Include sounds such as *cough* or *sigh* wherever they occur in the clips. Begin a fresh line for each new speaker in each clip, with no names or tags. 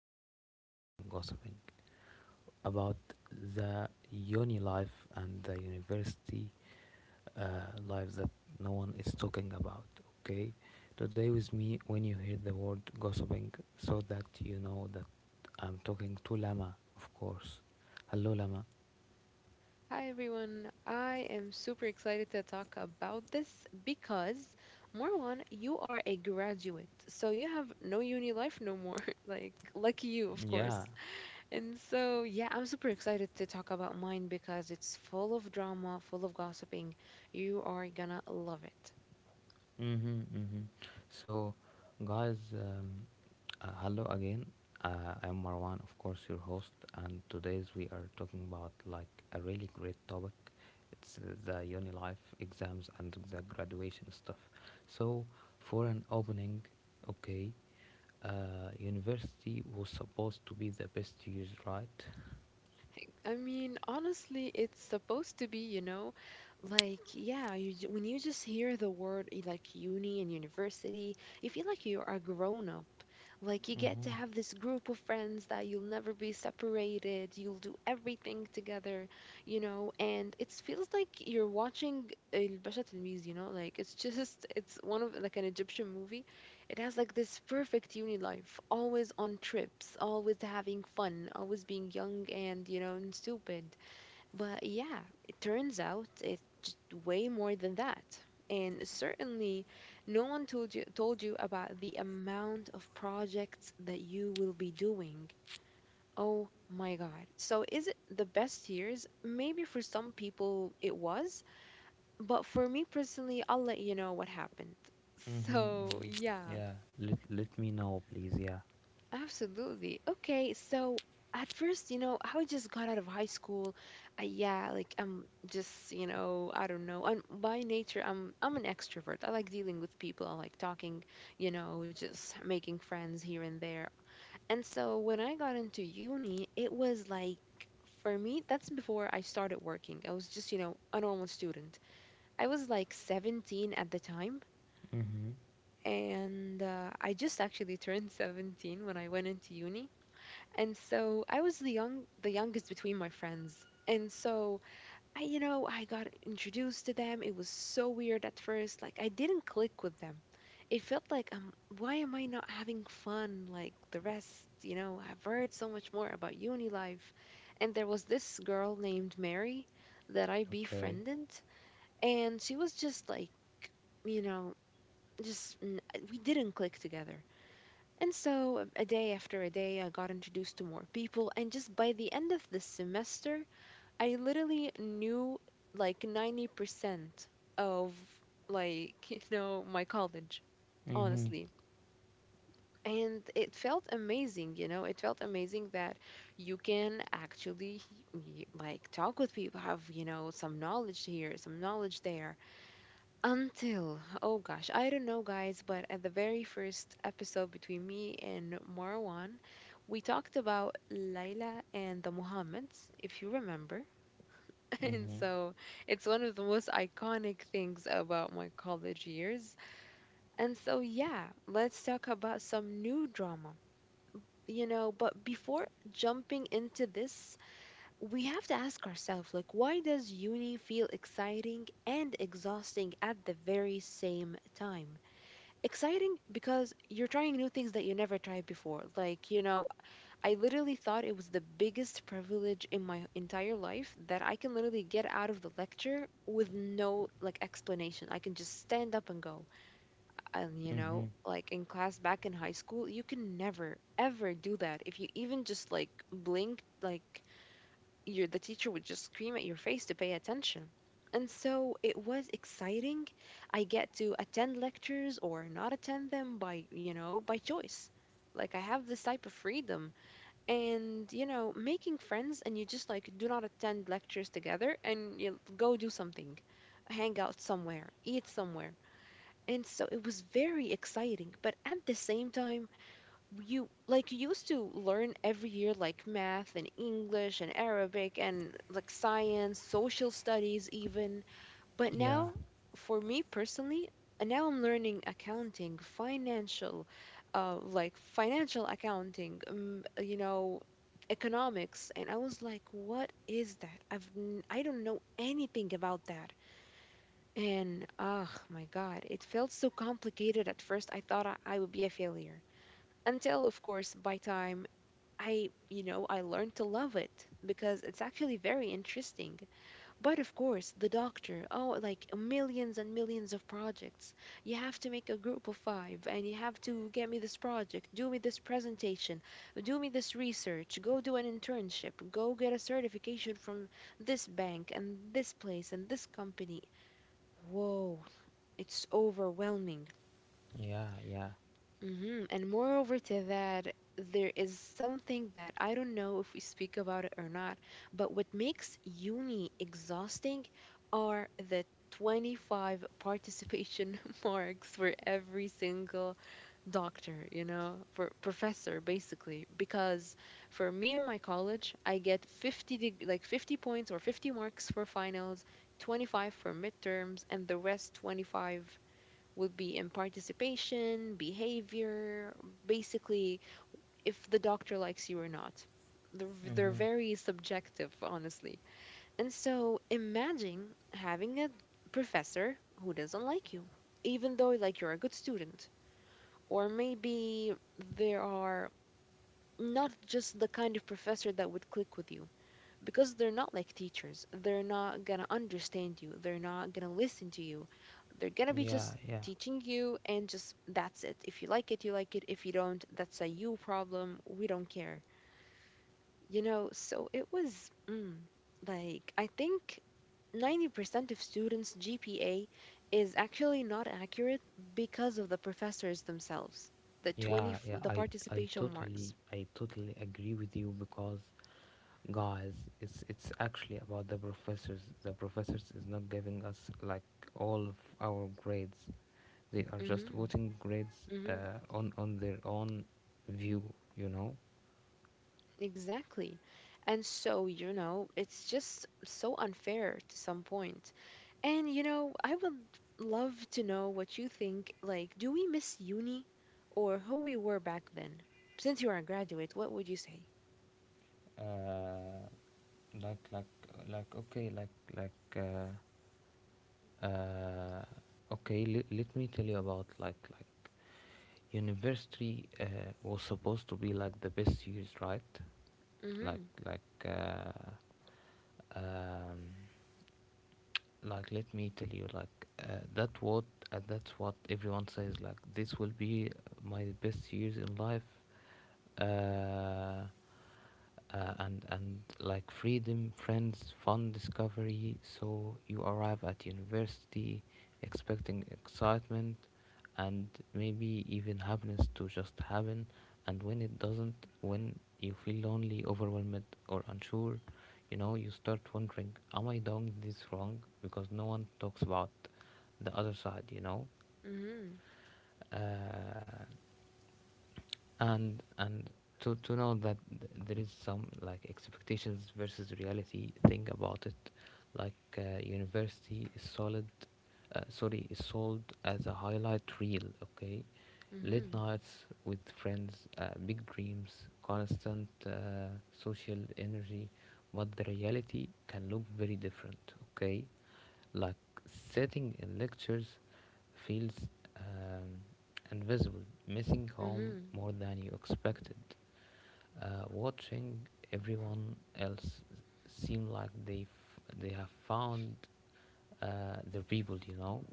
It is the last time gossiping about the uni life and the university life that no one is talking about. Okay, today with me, when you hear the word gossiping, so that you know that I'm talking to Lama, of course. Hello, Lama.
Hi everyone, I am super excited to talk about this because, Marwan, you are a graduate, so you have no uni life no more. *laughs* Like, lucky you, of
Yeah.
course. And so, yeah, I'm super excited to talk about mine because it's full of drama, full of gossiping. You are gonna love it.
Mm-hmm, mm-hmm. So, guys, hello again. I'm Marwan, of course, your host, and today's we are talking about like a really great topic. It's the uni life, exams, and the graduation stuff. So, for an opening, okay, university was supposed to be the best years, right?
I mean, honestly, it's supposed to be, like, yeah, when you just hear the word like uni and university, you feel like you are grown up. Like, you get to have this group of friends that you'll never be separated. You'll do everything together, and it feels like you're watching El Basha Tilmiz, like it's one of like an Egyptian movie. It has like this perfect uni life, always on trips, always having fun, always being young and stupid. But yeah, it turns out it's just way more than that. And certainly, no one told you about the amount of projects that you will be doing. Oh my God. So is it the best years? Maybe for some people it was, but for me personally, I'll let you know what happened. *laughs*
Mm-hmm,
So,
mm-hmm.
yeah.
Yeah. Let me know, please. Yeah.
Absolutely. Okay, so at first, I just got out of high school. Yeah, like I'm just, I don't know. I'm by nature, I'm an extrovert. I like dealing with people. I like talking, just making friends here and there. And so when I got into uni, it was like for me, that's before I started working. I was just, a normal student. I was like 17 at the time,
Mm-hmm.
and I just actually turned *laughs* 17 when I went into uni. And so I was the youngest between my friends. And so I got introduced to them. It was so weird at first. Like I didn't click with them. It felt like why am I not having fun like the rest, you know? I've heard so much more about uni life. And there was this girl named Mary that I
Okay.
befriended and she was just like, you know, just n- we didn't click together. And so, a day after a day, I got introduced to more people. And just by the end of the semester, I literally knew like 90% of, like, *laughs* my college,
Mm-hmm.
honestly. And it felt amazing, it felt amazing that you can actually, like, talk with people, have, some knowledge here, some knowledge there. Until, oh gosh, I don't know, guys, but at the very first episode between me and Marwan, we talked about Layla and the Muhammads, if you remember. *laughs* And
Mm-hmm.
so it's one of the most iconic things about my college years. And so, yeah, let's talk about some new drama. But before jumping into this, we have to ask ourselves like why does uni feel exciting and exhausting at the very same time? Exciting because you're trying new things that you never tried before. Like, I literally thought it was the biggest privilege in my entire life that I can literally get out of the lecture with no like explanation. I can just stand up and go. And
Mm-hmm.
like in class back in high school, you can never ever do that. If you even just like blink, like your the teacher would just scream at your face to pay attention. And so it was exciting. I get to attend lectures or not attend them by choice. Like I have this type of freedom. And, making friends and you just like do not attend lectures together and you go do something. Hang out somewhere, eat somewhere. And so it was very exciting, but at the same time, you used to learn every year like math and English and Arabic and like science, social studies even. But
Yeah,
now for me personally, now I'm learning accounting, financial accounting, economics, and I was like what is that? I don't know anything about that. And my God, it felt so complicated at first. I thought I would be a failure, until of course by time I you know I learned to love it because it's actually very interesting. But of course, the doctor, oh, like millions and millions of projects. You have to make a group of five, and you have to get me this project, do me this presentation, do me this research, go do an internship, go get a certification from this bank and this place and this company. Whoa, it's overwhelming.
yeah, yeah,
And moreover to that, there is something that I don't know if we speak about it or not, but what makes uni exhausting are the 25 participation *laughs* marks for every single doctor, for professor basically. Because for me in my college, I get 50 like 50 points or 50 marks for finals, 25 for midterms, and the rest 25 would be in participation, behavior, basically, if the doctor likes you or not. They're very subjective, honestly. And so imagine having a professor who doesn't like you, even though like you're a good student. Or maybe there are not just the kind of professor that would click with you because they're not like teachers. They're not going to understand you. They're not going to listen to you. They're going to be
yeah,
just
yeah,
teaching you and just that's it. If you like it, you like it. If you don't, that's a you problem. We don't care. So it was like I think 90% of students' GPA is actually not accurate because of the professors themselves. The 20
yeah,
f-
yeah.
the
I I
participation marks.
totally I totally agree with you because guys, it's actually about the professors. The professors is not giving us like all of our grades. They are just
Mhm.
putting grades on their own view. You know,
Exactly. And so, it's just so unfair to some point. And, I would love to know what you think. Like, do we miss uni or who we were back then? Since you are a graduate, what would you say?
uh, like like like okay, like uh, okay. L- let me tell you about university was supposed to be like the best years, right?
Mm hmm.
Like like uh, um, like let me tell you, that what that's what everyone says. Like this will be my best years in life uh, and like freedom, friends, fun, discovery. So you arrive at university expecting excitement and maybe even happiness to just happen. And when it doesn't, when you feel lonely, overwhelmed, or unsure, you know, you start wondering, am I doing this wrong? Because no one talks about the other side, you know.
Mm hmm.
Uh, and to know that there is some like expectations versus reality thing about it, like university is solid sorry, is sold as a highlight reel. Okay,
Mm
late
hmm.
nights with friends, big dreams, constant social energy, but the reality can look very different. Okay, like sitting in lectures feels um, invisible, missing
Mm
home
hmm.
more than you expected. Watching everyone else seem like they have found their people, you know,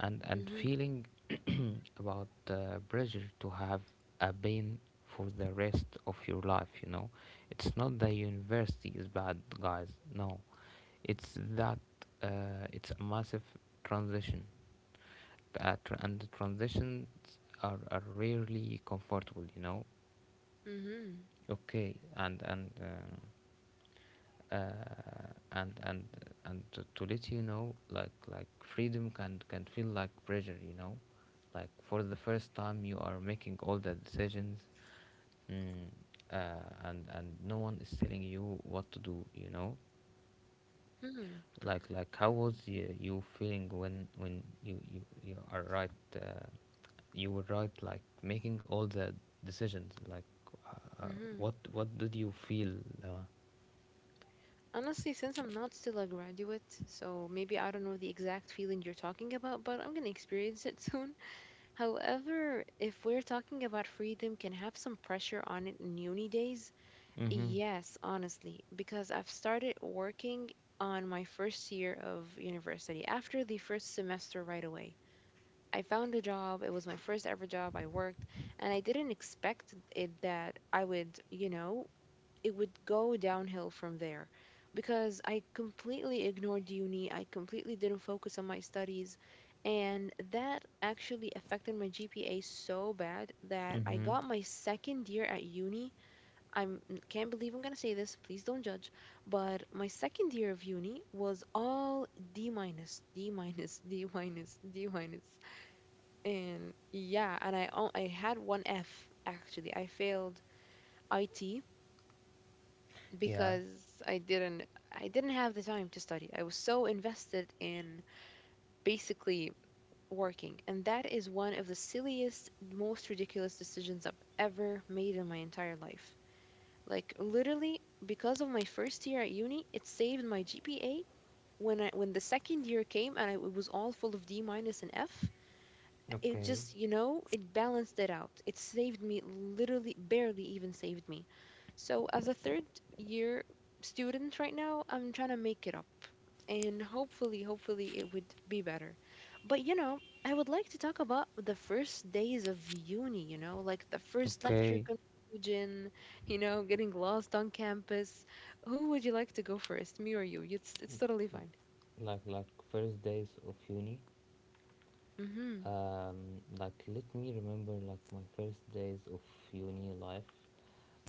and
Mm
feeling about pressure to have a pain for the rest of your life, you know. It's not that university is bad, guys. No, it's that it's a massive transition, and the transitions are rarely comfortable, you know.
hmm.
Okay, uh, and and and to let you know, like freedom can feel like pressure, you know, like for the first time you are making all the decisions. mm, and no one is telling you what to do, you know.
Mm hmm.
Like how was you feeling when you are right, uh, you were right, like making all the decisions, like uh, uh,
Mm-hmm.
what did you feel? Uh,
Honestly, since I'm not still a graduate, so maybe I don't know the exact feeling you're talking about, but I'm gonna experience it *laughs* soon. However, if we're talking about freedom, can have some pressure on it in uni days.
Mm-hmm.
Yes, honestly, because I've started working on my first year of university after the first semester right away. I found a job, it was my first ever job I worked, and I didn't expect it that I would, it would go downhill from there because I completely ignored uni. I completely didn't focus on my studies. And that actually affected my GPA so bad that I
Mm-hmm.
got my second year at uni. I can't believe I'm going to say this. Please don't judge. But my second year of uni was all D minus, *laughs* D minus, D minus. And yeah, and I had one F actually. I failed IT
Yeah.
because I didn't have the time to study. I was so invested in basically working, and that is one of the silliest, most ridiculous decisions I've ever made in my entire life. Like literally because of my first year at uni, it saved my GPA when I when the second year came, and it was all full of D minus and F. It
Okay.
just it balanced it out. It saved me, literally barely even saved me. So as a third year student right now, I'm trying to make it up, and hopefully it would be better. But I would like to talk about the first days of uni, like the first lecture
Okay.
conclusion, getting lost on campus. Who would you like to go first, me or you? It's totally fine.
Like first days of uni,
Mhm.
like let me remember, like my first days of uni life.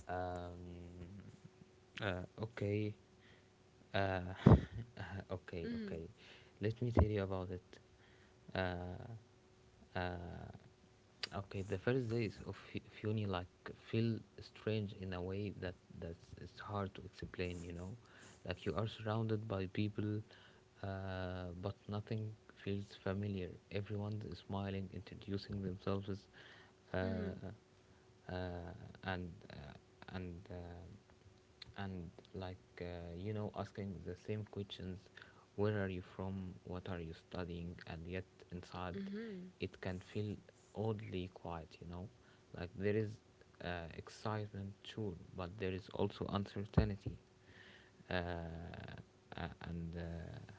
um uh, okay Uh, *laughs* okay.
Mhm.
Let me tell you about it. Uh, uh, okay, the first days of of uni like feel strange in a way that that's it's hard to explain. You know, like you are surrounded by people, but nothing feels familiar. Everyone is smiling, introducing themselves.
Mhm.
Uh, uh, and uh, and like, you know, asking the same questions: where are you from, what are you studying, and yet inside
Mhm.
it can feel oddly quiet, you know. Like there is excitement, sure, but there is also uncertainty. uh, uh, and uh,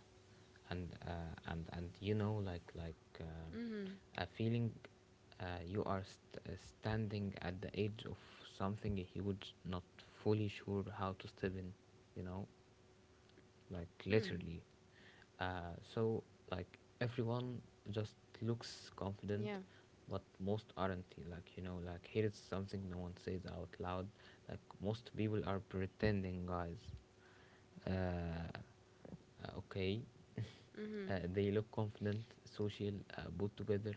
and uh, and and you know, like
Mhm.
a feeling you are standing at the edge of something huge, not fully sure how to step in, you know, like
Mhm.
literally. So like everyone just looks confident,
Yeah.
but most aren't, like, you know, like here is something no one says out loud. Like most people are pretending, guys, uh, okay.
Mhm,
They look confident, social, put together,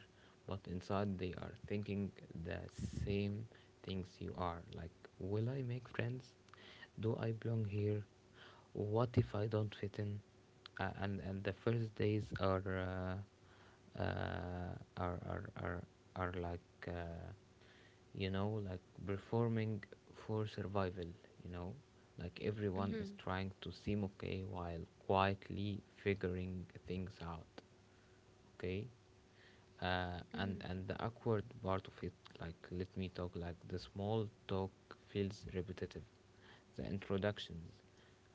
but inside they are thinking the same things you are. Like, will I make friends? Do I belong here? What if I don't fit in? And the first days are uh, uh, are, are are like, you know, like performing for survival. You know, like everyone is
mhm,
trying to seem okay while quietly figuring things out. Okay,
mhm,
and the awkward part of it, like let me talk like the small talk feels repetitive, the introductions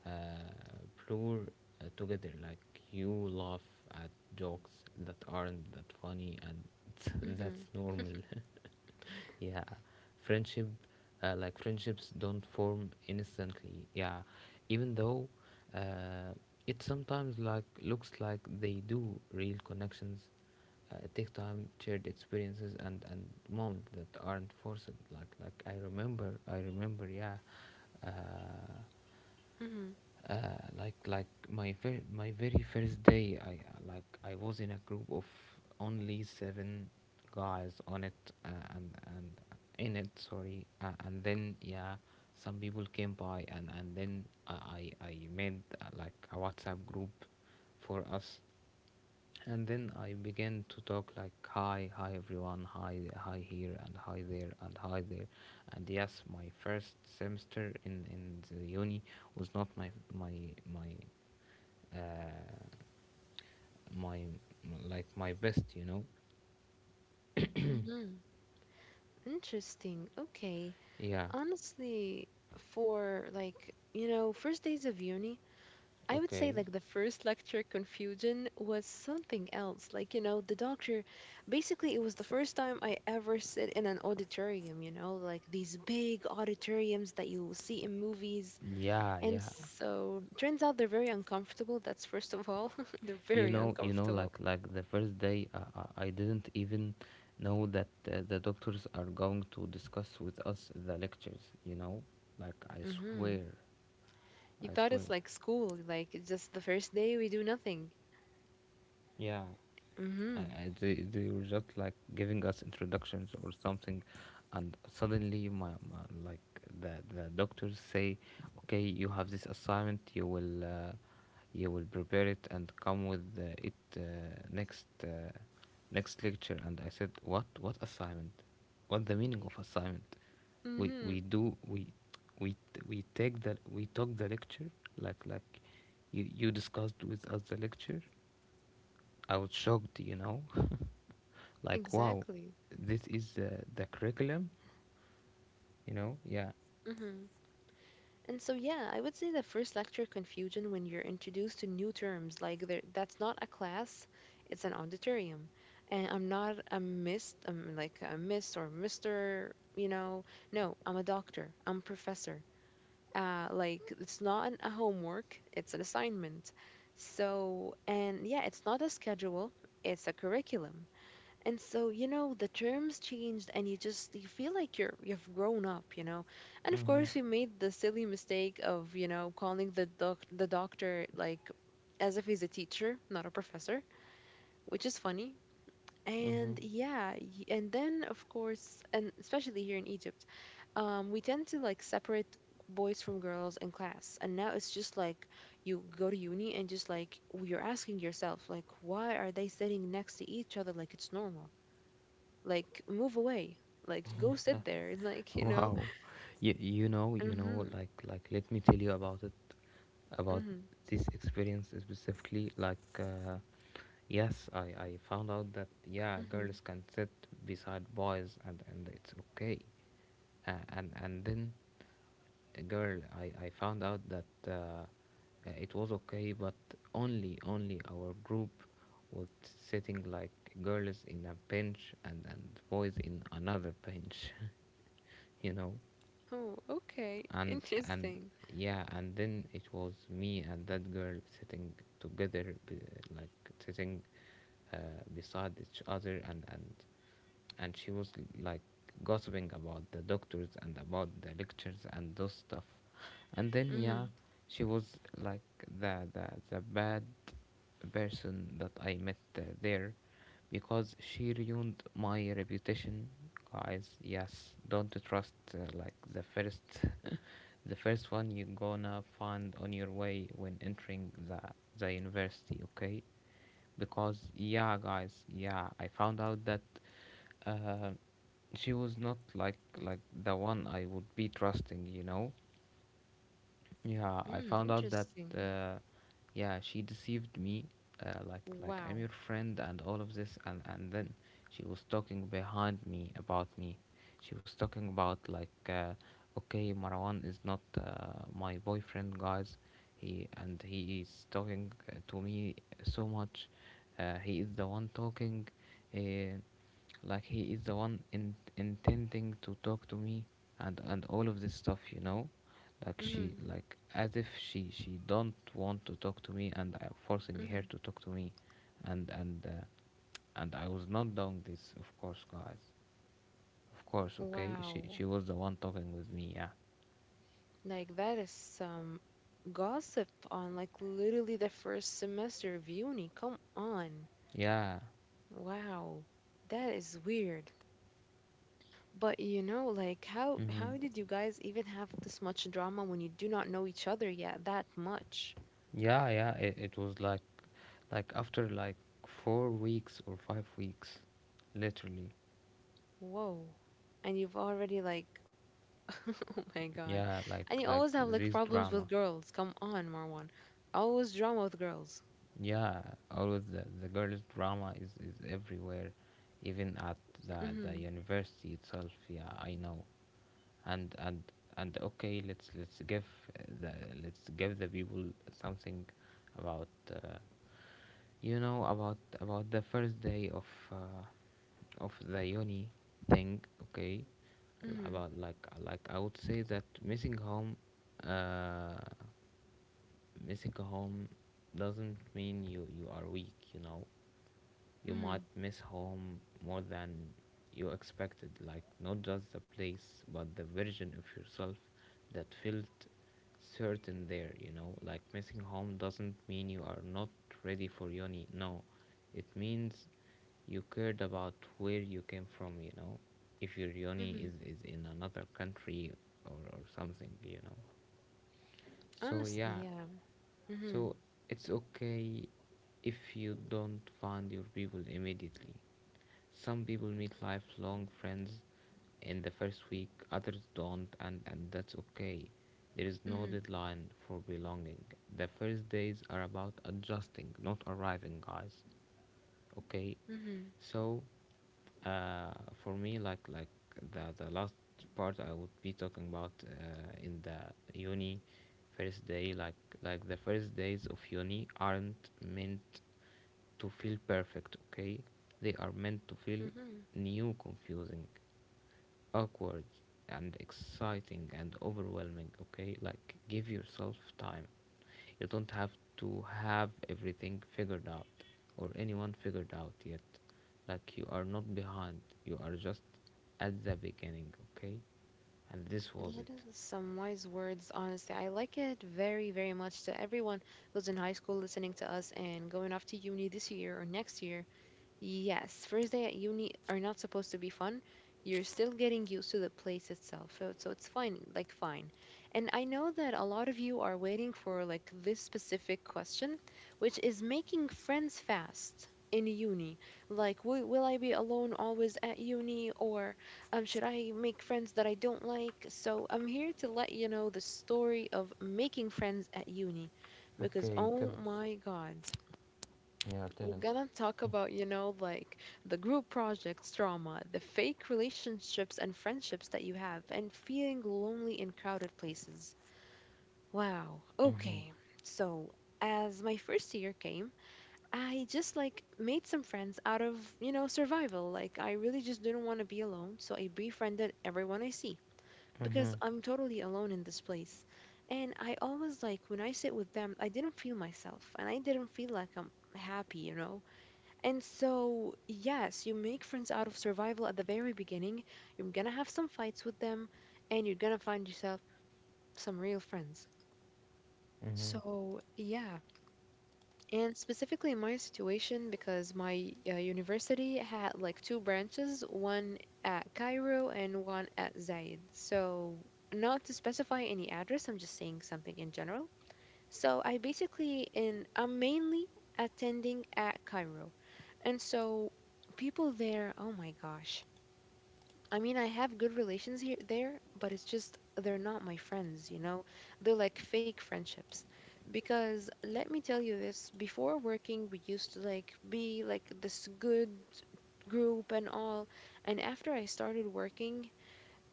uh, blur together, like you laugh at jokes that aren't that funny, and *laughs* that's
mhm,
normal *laughs* yeah, friendship, like friendships don't form instantly, yeah, even though uh, it sometimes like looks like they do. Real connections take time, shared experiences and moments that aren't forced. Like I remember, yeah, uh,
mhm,
my very first day, I like I was in a group of only seven guys on it and and in it sorry and then yeah, some people came by, and then I made like a WhatsApp group for us. And then I began to talk, like, hi, hi everyone, hi, hi here, and hi there, and hi there. And yes, my first semester in the uni was not my, uh, my, like my best, you know?
mhm. Interesting. Okay.
Yeah,
Honestly, for like, first days of uni, I would say
okay.
like the first lecture confusion was something else. Like, the doctor, basically, it was the first time I ever sit in an auditorium, like these big auditoriums that you see in movies.
Yeah,
And
yeah.
so turns out they're very uncomfortable. That's first of all, *laughs* they're very
You know,
uncomfortable.
like the first day, I didn't even know that the doctors are going to discuss with us the lectures, you know? Like, I
Mhm.
swear,
You
I
thought it's
swear.
like school, like it's just the first day we do nothing.
Yeah, and
Mm-hmm.
they were just like giving us introductions or something, and suddenly my, my like the doctors say, okay, you have this assignment. You will prepare it and come with it next next lecture. And I said, what assignment? What the meaning of assignment? We
Mm-hmm.
do we t- we take the we took the lecture, like you discussed with us the lecture. I was shocked, you know, *laughs* like wow,
Exactly.
this is the curriculum, you know. Yeah.
Mm-hmm. And so yeah, I would say the first lecture confusion when you're introduced to new terms, like there, that's not a class, it's an auditorium. And I'm not a miss, I'm like a miss or mister. No, I'm a doctor. I'm professor. Like it's not a homework, it's an assignment. So, and yeah, it's not a schedule, it's a curriculum. And so, you know, the terms changed and you just you feel like you've grown up, you know. And of course
Mm-hmm.
we made the silly mistake of, you know, calling the doctor like as if he's a teacher, not a professor, which is funny.
Mm-hmm.
And yeah, and then of course, and especially here in Egypt, we tend to like separate boys from girls in class. And now it's just like you go to uni and just like you're asking yourself, like, why are they sitting next to each other like it's normal? Like move away, like go sit there, like *laughs* you know.
Wow. you, you know, you
Mm-hmm.
know, like like let me tell you about it, about
Mm-hmm.
this experience specifically, like, yes, I found out that yeah,
Mm-hmm.
girls can sit beside boys and it's okay. And then girl, I found out that it was okay, but only our group was sitting like girls in a bench and boys in another bench, *laughs* you know.
Oh, okay,
And
interesting.
yeah, and then it was me and that girl sitting together, like sitting uh, beside each other. And she was like gossiping about the doctors and about the lectures and those stuff. And then
Mm-hmm.
yeah, she was like the bad person that I met there, because she ruined my reputation, guys. Yes, don't trust, like, the first one you're gonna find on your way when entering the university. Okay, because yeah, guys, yeah, I found out that uh, she was not the one I would be trusting, you know. Yeah, I
Mm,
found out that
interesting.
uh, yeah, she deceived me. Like I'm
Wow.
your friend and all of this, and then she was talking behind me about me. She was talking about like, okay, Marwan is not my boyfriend, guys. He is talking to me so much. He is the one talking. Uh, like he is the one intending to talk to me, and all of this stuff, you know. Like she
Mm-hmm.
like as if she don't want to talk to me, and I'm forcing her
Mm-hmm.
to talk to me. And and uh, and I was not doing this, of course, guys. Of course. Okay,
Wow,
she was the one talking with me. Yeah,
like that is some gossip on like literally the first semester of uni, come on.
yeah.
Wow, that is weird. But you know, like how
Mm-hmm.
how did you guys even have this much drama when you do not know each other yet that much?
Yeah, yeah, it was like after like 4 weeks or 5 weeks literally.
Whoa. And you've already like *laughs* oh my God.
Yeah,
And you always have like
this
problems with
drama.
girls. Come on, Marwan. Always drama with girls.
Yeah, always the girls' drama is everywhere, even at the, the
Mhm.
university itself. Yeah, I know. And and and okay, let's give the let's give the people something about, uh, you know, about the first day uh, of the uni thing. Okay,
Mhm.
about like I would say that missing home. Uh, Missing home doesn't mean you are weak, you know. You might
Mhm.
miss home more than you expected, like not just the place, but the version of yourself that felt certain there, you know. Like missing home doesn't mean you are not ready for uni, no. It means you cared about where you came from, you know. If your uni is,
Mhm.
is in another country or something, you know. So
Honestly,
yeah,
yeah.
so
Mhm.
it's okay if you don't find your people immediately. Some people meet lifelong friends in the first week, others don't, and that's okay. There is no
Mhm.
deadline for belonging. The first days are about adjusting, not arriving, guys, okay.
Mhm.
So uh, for me, like the last part I would be talking about, in the uni first day. Like the first days of uni aren't meant to feel perfect, okay. They are meant to feel
Mhm.
new, confusing, awkward, and exciting and overwhelming, okay. Like give yourself time. You don't have to have everything figured out or anyone figured out yet. Like you are not behind, you are just at the beginning, okay. And this was
That
it.
is some wise words, honestly. I like it very, very much. To everyone who's in high school listening to us and going off to uni this year or next year, yes, first day at uni are not supposed to be fun. You're still getting used to the place itself. So it's fine, like fine. And I know that a lot of you are waiting for like this specific question, which is making friends fast in uni. Like, will I be alone always at uni, or should I make friends that I don't like? So I'm here to let you know the story of making friends at uni because
Okay, tell
oh
us.
my God.
Yeah, tell
We're gonna talk
us.
about, you know, like the group projects, drama, the fake relationships and friendships that you have, and feeling lonely in crowded places. Wow.
Mm-hmm.
Okay. So, as my first year came, I just like made some friends out of, you know, survival. Like, I really just didn't want to be alone, so I befriended everyone I see
Mm-hmm.
because I'm totally alone in this place. And I always like when I sit with them, I didn't feel myself and I didn't feel like I'm happy, you know? And so, yes, you make friends out of survival at the very beginning. You're gonna have some fights with them, and you're gonna find yourself some real friends.
Mm-hmm.
So, yeah. And specifically in my situation, because my university had like two branches, one at Cairo and one at Zaid. So, not to specify any address, I'm just saying something in general. So I basically in I'm mainly attending at Cairo. And so people there, oh my gosh. I mean, I have good relations here there, but it's just they're not my friends, you know? They're like fake friendships. Because let me tell you this, before working, we used to like be like this good group and all. And after I started working,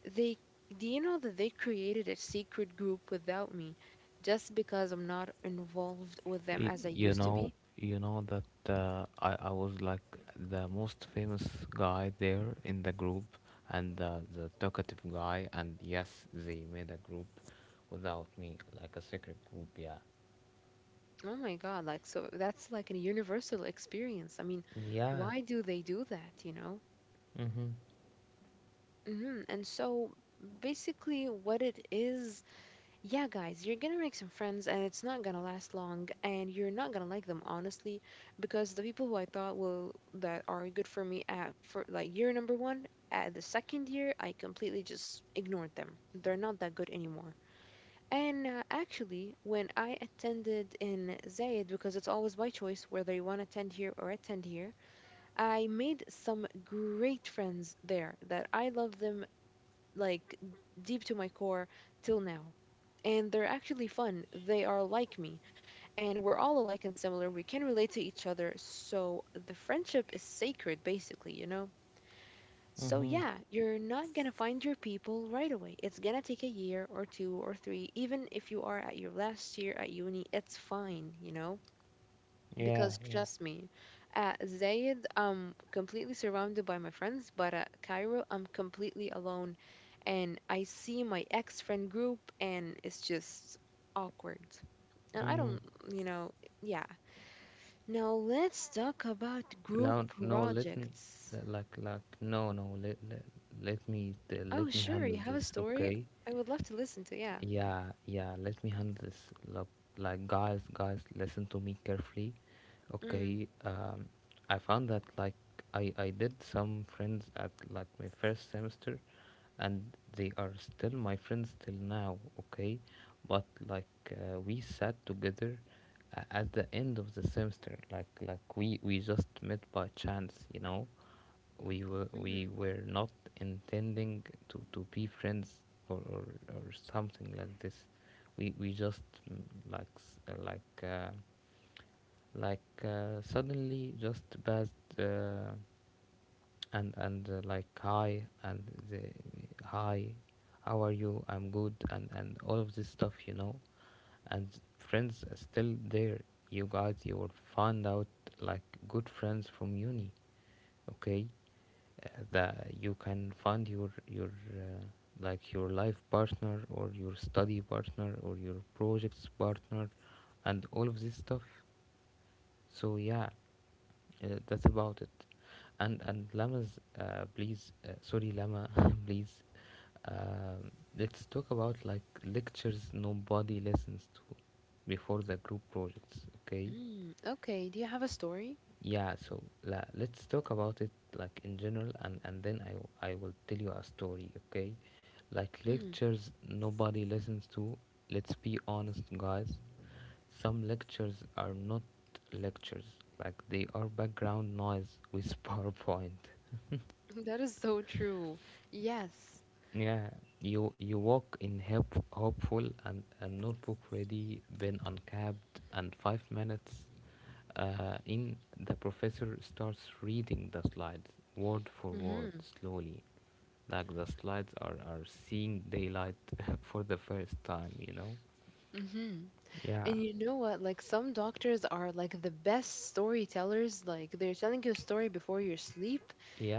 they, do you know that they created a secret group without me just because I'm not involved with them as I used to be?
You know that I was like the most famous guy there in the group, and the talkative guy, and yes, they made a group without me, like a secret group. Yeah.
Oh my God, like, so that's like a universal experience. I mean,
Yeah.
why do they do that, you know?
Mhm.
And so basically, what it is. Yeah, guys, you're gonna make some friends and it's not gonna last long and you're not gonna like them honestly, because the people who I thought will that are good for me at for like year number one, at the second year, I completely just ignored them. They're not that good anymore. And actually, when I attended in Zayed, because it's always by choice whether you want to attend here or attend here, I made some great friends there that I love them like deep to my core till now. And they're actually fun. They are like me. And we're all alike and similar. We can relate to each other. So the friendship is sacred, basically, you know? So
Mhm.
yeah, you're not gonna find your people right away. It's gonna take a year or two or three. Even if you are at your last year at uni, it's fine, you know?
Yeah.
Because
Yeah.
trust me, at Zayed, I'm completely surrounded by my friends, but at Cairo, I'm completely alone. And I see my ex friend group, and it's just awkward. And I
Mhm.
don't, you know, yeah. Now let's talk about
No,
group
no, let me,
projects.
like, no, no, let, let, let me,
Oh,
let me
sure, you
handle
have a
this,
story?
okay?
I would love to listen to, yeah.
Yeah, yeah, let me handle this. Look, like, guys, guys, listen to me carefully.
Mm,
Okay. I found that, like, I did some friends at, like, my first semester, and they are still my friends till now, okay? But, like, we sat together at the end of the semester, like we just met by chance, you know? we were we
mm,
were not intending to be friends or or, or something like this. We just, mm, like like suddenly just passed, and like, hi, and the hi, how are you, I'm good, and all of this stuff, you know. And friends are still there. You guys, you will find out like good friends from uni, okay. That you can find your like your life partner or your study partner or your projects partner and all of this stuff. So yeah, that's about it. And Lamas, please, sorry, Lama, *laughs* please. um let's talk about like lectures nobody listens to before the group projects, okay.
mm. Okay, do you have a story?
Yeah, so let's talk about it like in general, and then I I will tell you a story, okay? Like
Mm.
lectures nobody listens to. Let's be honest, guys. Some lectures are not lectures. Like they are background noise with *laughs* PowerPoint.
*laughs* That is so true. Yes.
Yeah, you walk in help, hopeful and a notebook ready, pen uncapped, and 5 minutes in the professor starts reading the slides word for word
Mm-hmm.
slowly, like the slides are seeing daylight *laughs* for the first time, you know?
Mm-hmm.
Yeah,
And you know what? Like some doctors are like the best storytellers. Like they're telling you a story before you sleep,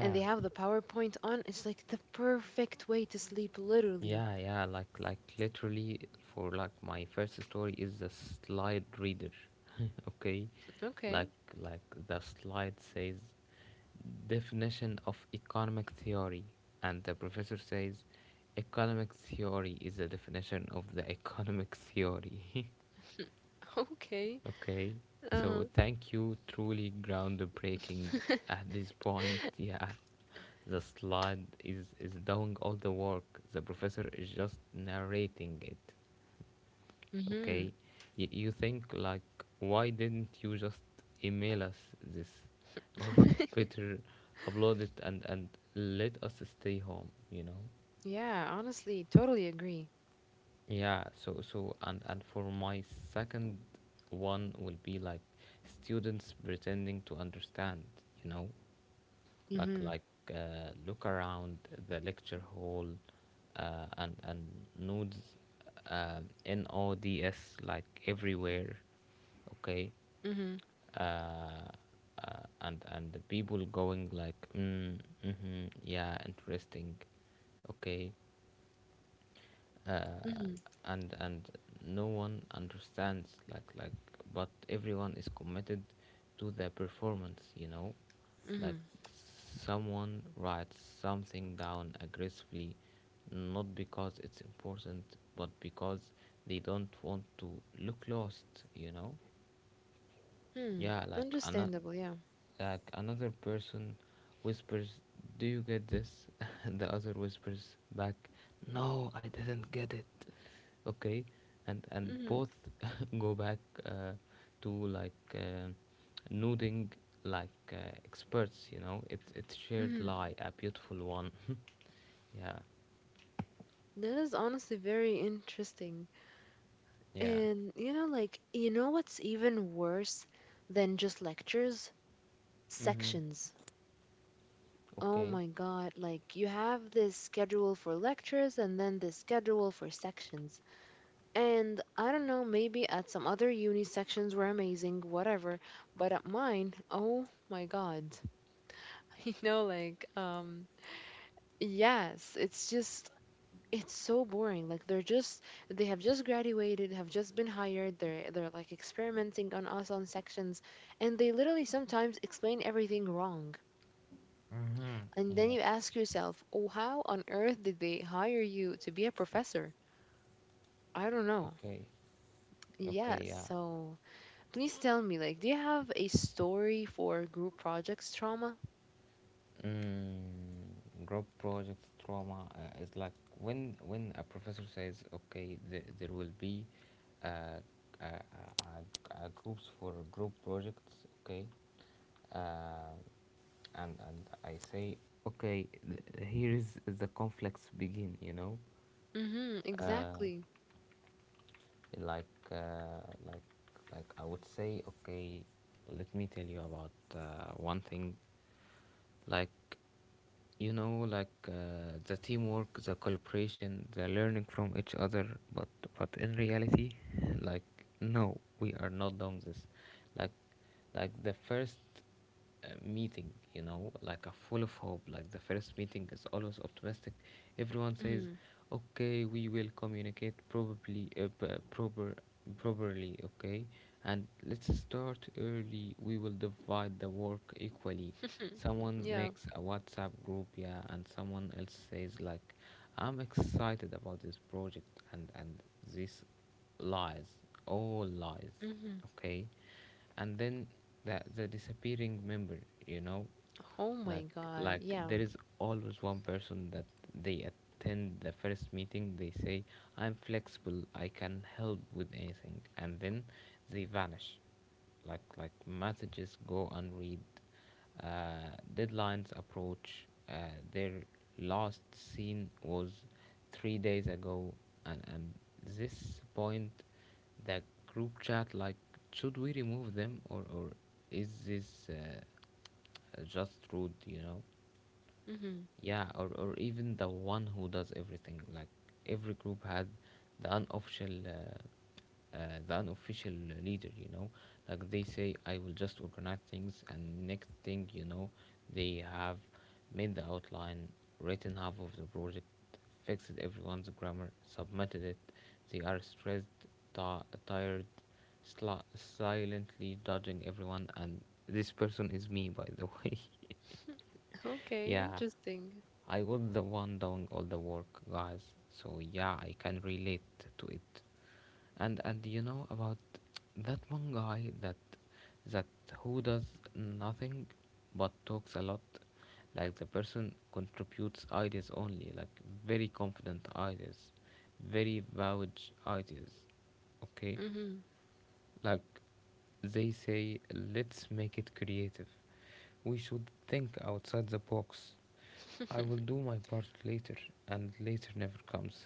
and they have the PowerPoint on. It's like the perfect way to sleep, literally.
yeah, yeah. Like literally for like my first story is the slide reader. *laughs* Okay,
Okay.
like like the slide says definition of economic theory and the professor says economic theory is the definition of the economic theory. *laughs*
*laughs* Okay.
Okay, so
Uh
thank you, truly groundbreaking
huh.
at this point. *laughs* Yeah, the slide is doing all the work, the professor is just narrating it.
*laughs* Mhm.
Okay, you think like, why didn't you just email us this, *laughs* or
*laughs*
better, upload it and let us stay home, you know?
Yeah. Honestly, totally agree.
Yeah. So so and for my second one will be like students pretending to understand, you know? like
Mhm.
like look around the lecture hall, and nodes, uh, nods like everywhere, okay.
Mhm.
Uh, uh, and and the people going like, mm, mm-hmm, yeah, interesting, okay. uh,
Mhm.
and and no one understands, like, but everyone is committed to the performance, you know. Like
Mhm.
someone writes something down aggressively, not because it's important, but because they don't want to look lost, you know.
Hmm.
Yeah,
Understandable. Yeah.
like another person whispers, "Do you get this?" *laughs* and the other whispers back, "No, I didn't get it." Okay, and
Mhm.
both *laughs* go back, uh, to nodding like experts. You know, it's shared
Mhm.
lie, a beautiful one. *laughs* Yeah,
That is honestly very interesting.
yeah.
And you know, like, you know what's even worse than just lectures?
Mm-hmm.
Sections. Oh
Okay.
my God. Like, you have this schedule for lectures and then this schedule for sections. And I don't know, maybe at some other uni sections were amazing, whatever. But at mine, oh my God. *laughs* You know, like, yes, it's just, it's so boring like they're just they have just graduated, have just been hired, they're like experimenting on us on sections, and they literally sometimes explain everything wrong,
Mm-hmm.
and then
Yeah.
you ask yourself, oh, how on earth did they hire you to be a professor? I don't know.
Okay.
Yes.
Okay. Yeah.
So please tell me, like, do you have a story for group projects trauma?
Mm, Group project trauma, is like when a professor says, okay, there will be uh, uh, uh, uh, groups for group projects, okay. Uh, and and I say, okay, here is the conflicts begin, you know.
Mm-hmm,
uh,
exactly.
like uh, like I would say, okay, let me tell you about one thing. Like you know like, the teamwork, the cooperation, the learning from each other. But in reality, *laughs* like no, we are not doing this. like like the first meeting, you know, like a full of hope. Like the first meeting is always optimistic. Everyone says,
Mm-hmm.
okay, we will communicate probably, properly, okay. And let's start early, we will divide the work equally.
*laughs*
Someone
Yeah.
makes a WhatsApp group, yeah, and someone else says, like, I'm excited about this project. And this, lies, all lies,
Mm-hmm.
okay. And then the disappearing member, you know.
Oh my
like
god,
like
yeah.
there is always one person that they attend the first meeting, they say, I'm flexible, I can help with anything, and then they vanish. Like messages go unread, uh, deadlines approach, their last scene was 3 days ago. And this point, the group chat like, should we remove them, or is this, just rude, you know.
Mm-hmm.
Yeah, or even the one who does everything. Like every group had the unofficial, uh, uh, the unofficial leader. You know, like they say, I will just organize things, and next thing you know, they have made the outline, written half of the project, fixed everyone's grammar, submitted it. They are stressed, tired, silently judging everyone, and this person is me, by the *laughs* way.
Okay,
Yeah.
interesting.
I was the one doing all the work, guys. So yeah, I can relate to it. And you know about that one guy that that who does nothing but talks a lot. Like the person contributes ideas only, like very confident ideas, very vouch ideas. Okay?
Mm-hmm.
Like they say, let's make it creative. We should think outside the box. I will do my part later, and later never comes.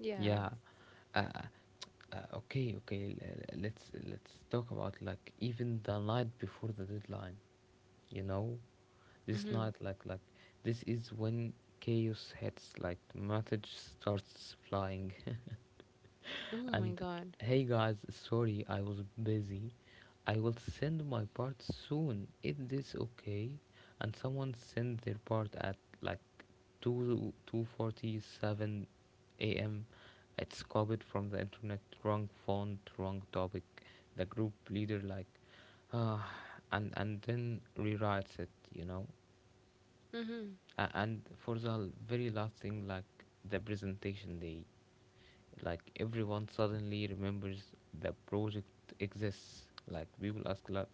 *laughs* Yeah.
Yeah. Uh, okay, okay. Let's talk about like even the night before the deadline. You know, this
Mm-hmm.
night like this is when chaos hits. Like message starts flying. *laughs*
Oh my
And
god.
hey guys, sorry I was busy. I will send my part soon. Is this okay? And someone sent their part at like 2 2:47 a.m. It's copied from the internet, wrong font, wrong topic. The group leader like, ah, and then rewrites it, you know.
Mm-hmm.
And for the very last thing, like the presentation day, like everyone suddenly remembers the project exists. Like people ask like,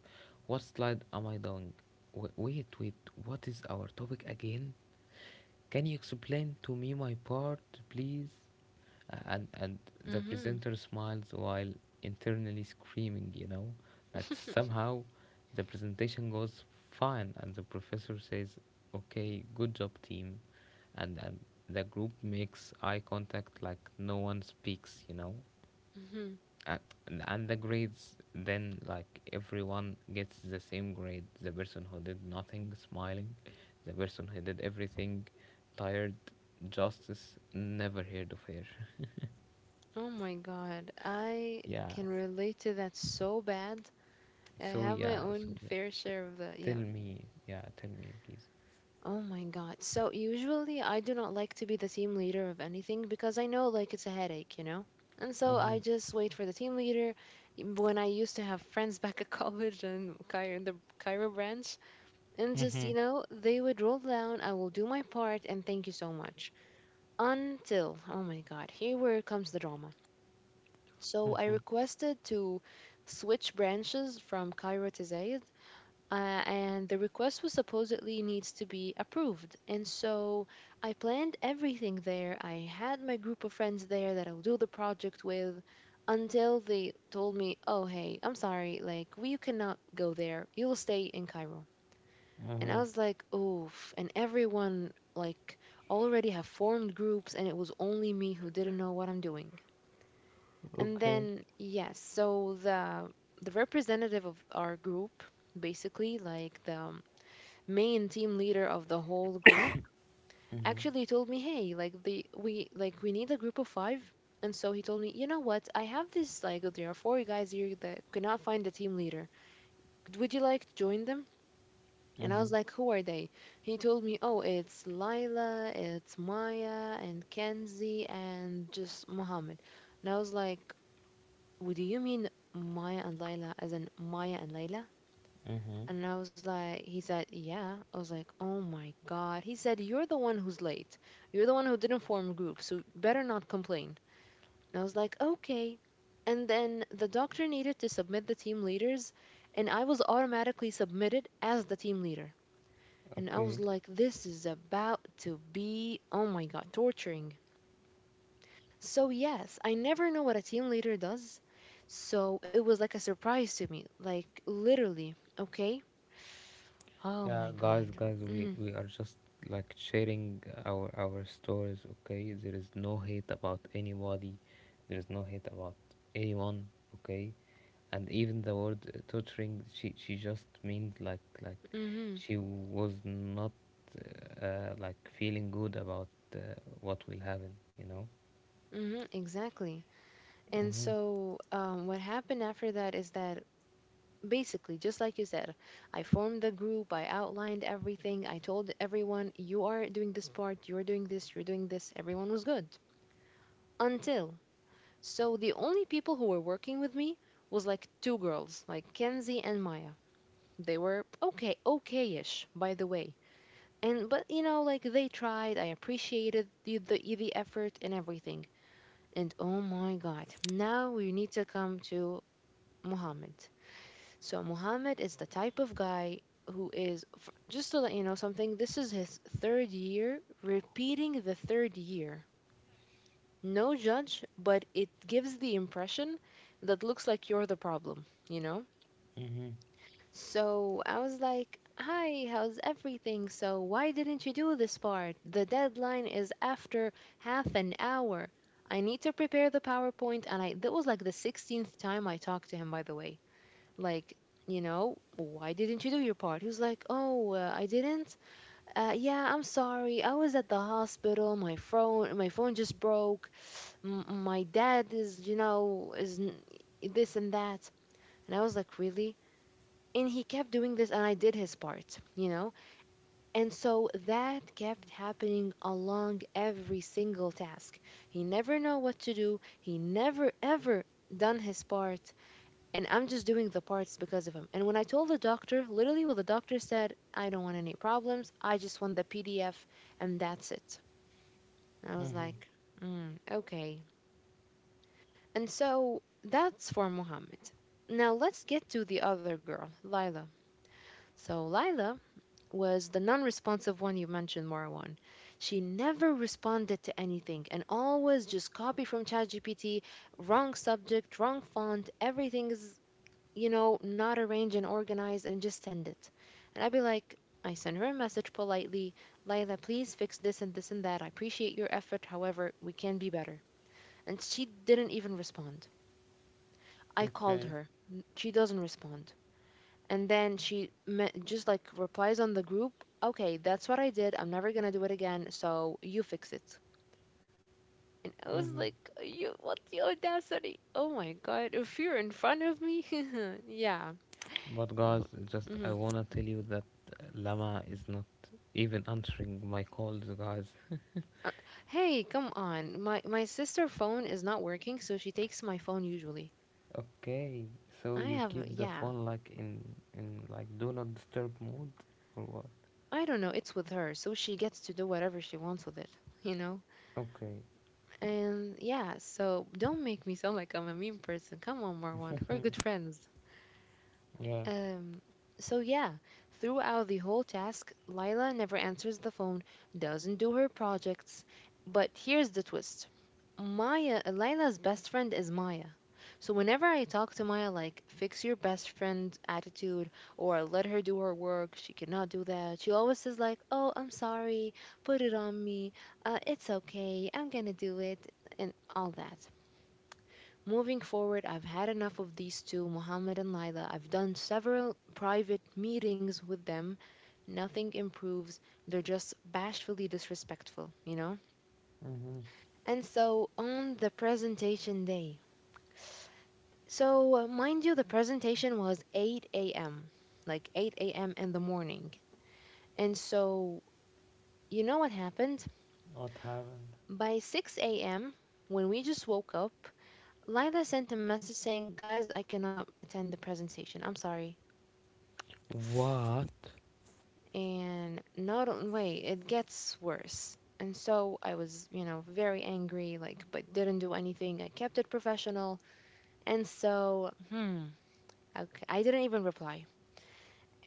what slide am I doing? Wa Wait, wait, what is our topic again? Can you explain to me my part, please? And the
Mm-hmm.
presenter smiles while internally screaming, you know, like
*laughs*
somehow the presentation goes fine and the professor says, "Okay, good job, team." And the group makes eye contact, like no one speaks, you know.
Mm-hmm.
and, and the grades then, like everyone gets the same grade, the person who did nothing smiling, the person who did everything tired, justice never heard of her.
Oh my god. I
Yeah.
can relate to that so bad. I
So
have my
yeah, so
own
yeah,
fair share of that.
tell
Yeah.
me, yeah, tell me, please.
Oh my god. So usually I do not like to be the team leader of anything because I know like it's a headache, you know? And so
Mm-hmm.
I just wait for the team leader. When I used to have friends *laughs* back at college and Cairo, the Cairo branch, and just, you
Mm-hmm.
know, they would roll down, I will do my part, and thank you so much. Until, oh my God, here where comes the drama. So I requested to switch branches from Cairo to Zayed, and the request was supposedly needs to be approved. And so I planned everything there. I had my group of friends there that I'll do the project with, until they told me, oh, hey, I'm sorry, like, we cannot go there. You'll stay in Cairo. And I
Mm-hmm.
was like, oof. And everyone, like, already have formed groups, and it was only me who didn't know what I'm doing. And
Okay.
then, yes, so the representative of our group, basically, like the main team leader of the whole group,
Mm-hmm.
actually told me, hey, like the we like we need a group of five. And so he told me, you know what? I have this, like, there are four guys here that cannot find a team leader. Would you like to join them? And I
Mm-hmm.
was like, who are they? He told me, oh, it's Lila, it's Maya, and Kenzie, and just Mohammed. And I was like, what do you mean Maya and Lila, as in Maya and Layla?
Mm-hmm.
And I was like, he said, yeah. I was like, oh my God. He said, you're the one who's late. You're the one who didn't form group, so better not complain. And I was like, okay. And then the doctor needed to submit the team leaders, and I was automatically submitted as the team leader. And I was
Okay.
like, this is about to be, oh my God, torturing. So, yes, I never know what a team leader does. So, it was like a surprise to me, like literally, okay? Oh
Yeah,
my
guys,
God.
guys, we
Mm
we are just like sharing our stories. Okay, there is no hate about anybody. There is no hate about anyone. Okay, and even the word, tutoring, she just means like
hmm, mm
she was not like feeling good about uh, what will happen. You know.
exactly. And
Mm-hmm.
so, what happened after that is that basically, just like you said, I formed the group, I outlined everything, I told everyone, you are doing this part, you're doing this, you're doing this. Everyone was good until, so the only people who were working with me was like two girls, like Kenzie and Maya. They were okay, okay-ish, by the way. And but you know, like they tried. I appreciated the effort and everything. And oh my God, now we need to come to Muhammad. So Muhammad is the type of guy who is just to let you know something. This is his third year, repeating the third year, no judge, but it gives the impression that looks like you're the problem, you know? So I was like, "Hi, how's everything? So why didn't you do this part? The deadline is after half an hour. I need to prepare the PowerPoint," and I that was like the 16th time I talked to him, by the way. Like, why didn't you do your part? He was like, "Oh, I didn't. Yeah, I'm sorry. I was at the hospital. My phone just broke, my dad is, you know, this and that." And I was like, "Really?" And he kept doing this, and I did his part, you know. And so that kept happening along every single task. He never know what to do, he never ever done his part. And I'm just doing the parts because of him. And when I told the doctor literally what the doctor said, "I don't want any problems, I just want the PDF, and that's it." And I was
Mm-hmm.
like, okay. And so that's for Muhammad. Now let's get to the other girl, Lila. So Lila was the non responsive one you mentioned, Marwan. She never responded to anything, and always just copy from ChatGPT, wrong subject, wrong font, everything is, not arranged and organized, and just send it. And I'd be like, I send her a message politely, "Lila, please fix this and this and that. I appreciate your effort. However, we can be better." And she didn't even respond. I called
Okay.
her. She doesn't respond. And then she just like replies on the group, "Okay, that's what I did. I'm never going to do it again. So you fix it." And I was
Mm-hmm.
like, you, what's the audacity? Oh my God. If you're in front of me. *laughs* Yeah.
But
b-
guys, just I
mhm.
wanna tell you that Lama is not even answering my calls, guys.
Uh, Hey, come on. My sister phone is not working. So she takes my phone usually.
Okay, so
I
you
have,
keep the
yeah.
phone like in like do not disturb mode or what?
I don't know. It's with her. So she gets to do whatever she wants with it, you know?
Okay,
And yeah, so don't make me sound like I'm a mean person. Come on, Marwan, we're good friends.
yeah.
Um, so yeah, throughout the whole task, Lila never answers the phone, doesn't do her projects. But here's the twist. Maya, Lila's best friend is Maya. So whenever I talk to Maya, like, fix your best friend attitude or let her do her work, she cannot do that. She always says like, "Oh, I'm sorry. Put it on me. It's okay. I'm going to do it," and all that. Moving forward, I've had enough of these two, Muhammad and Lila. I've done several private meetings with them. Nothing improves. They're just bashfully disrespectful, you know?
Mm-hmm.
And so on the presentation day, so, mind you, the presentation was 8 a.m., like 8 a.m. in the morning. And so, you know what happened?
Or
By 6 a.m., when we just woke up, Lila sent a message saying, "Guys, I cannot attend the presentation. I'm sorry."
what?
And not on, wait, it gets worse. And so I was, you know, very angry, like, but didn't do anything. I kept it professional. And so, okay, I didn't even reply.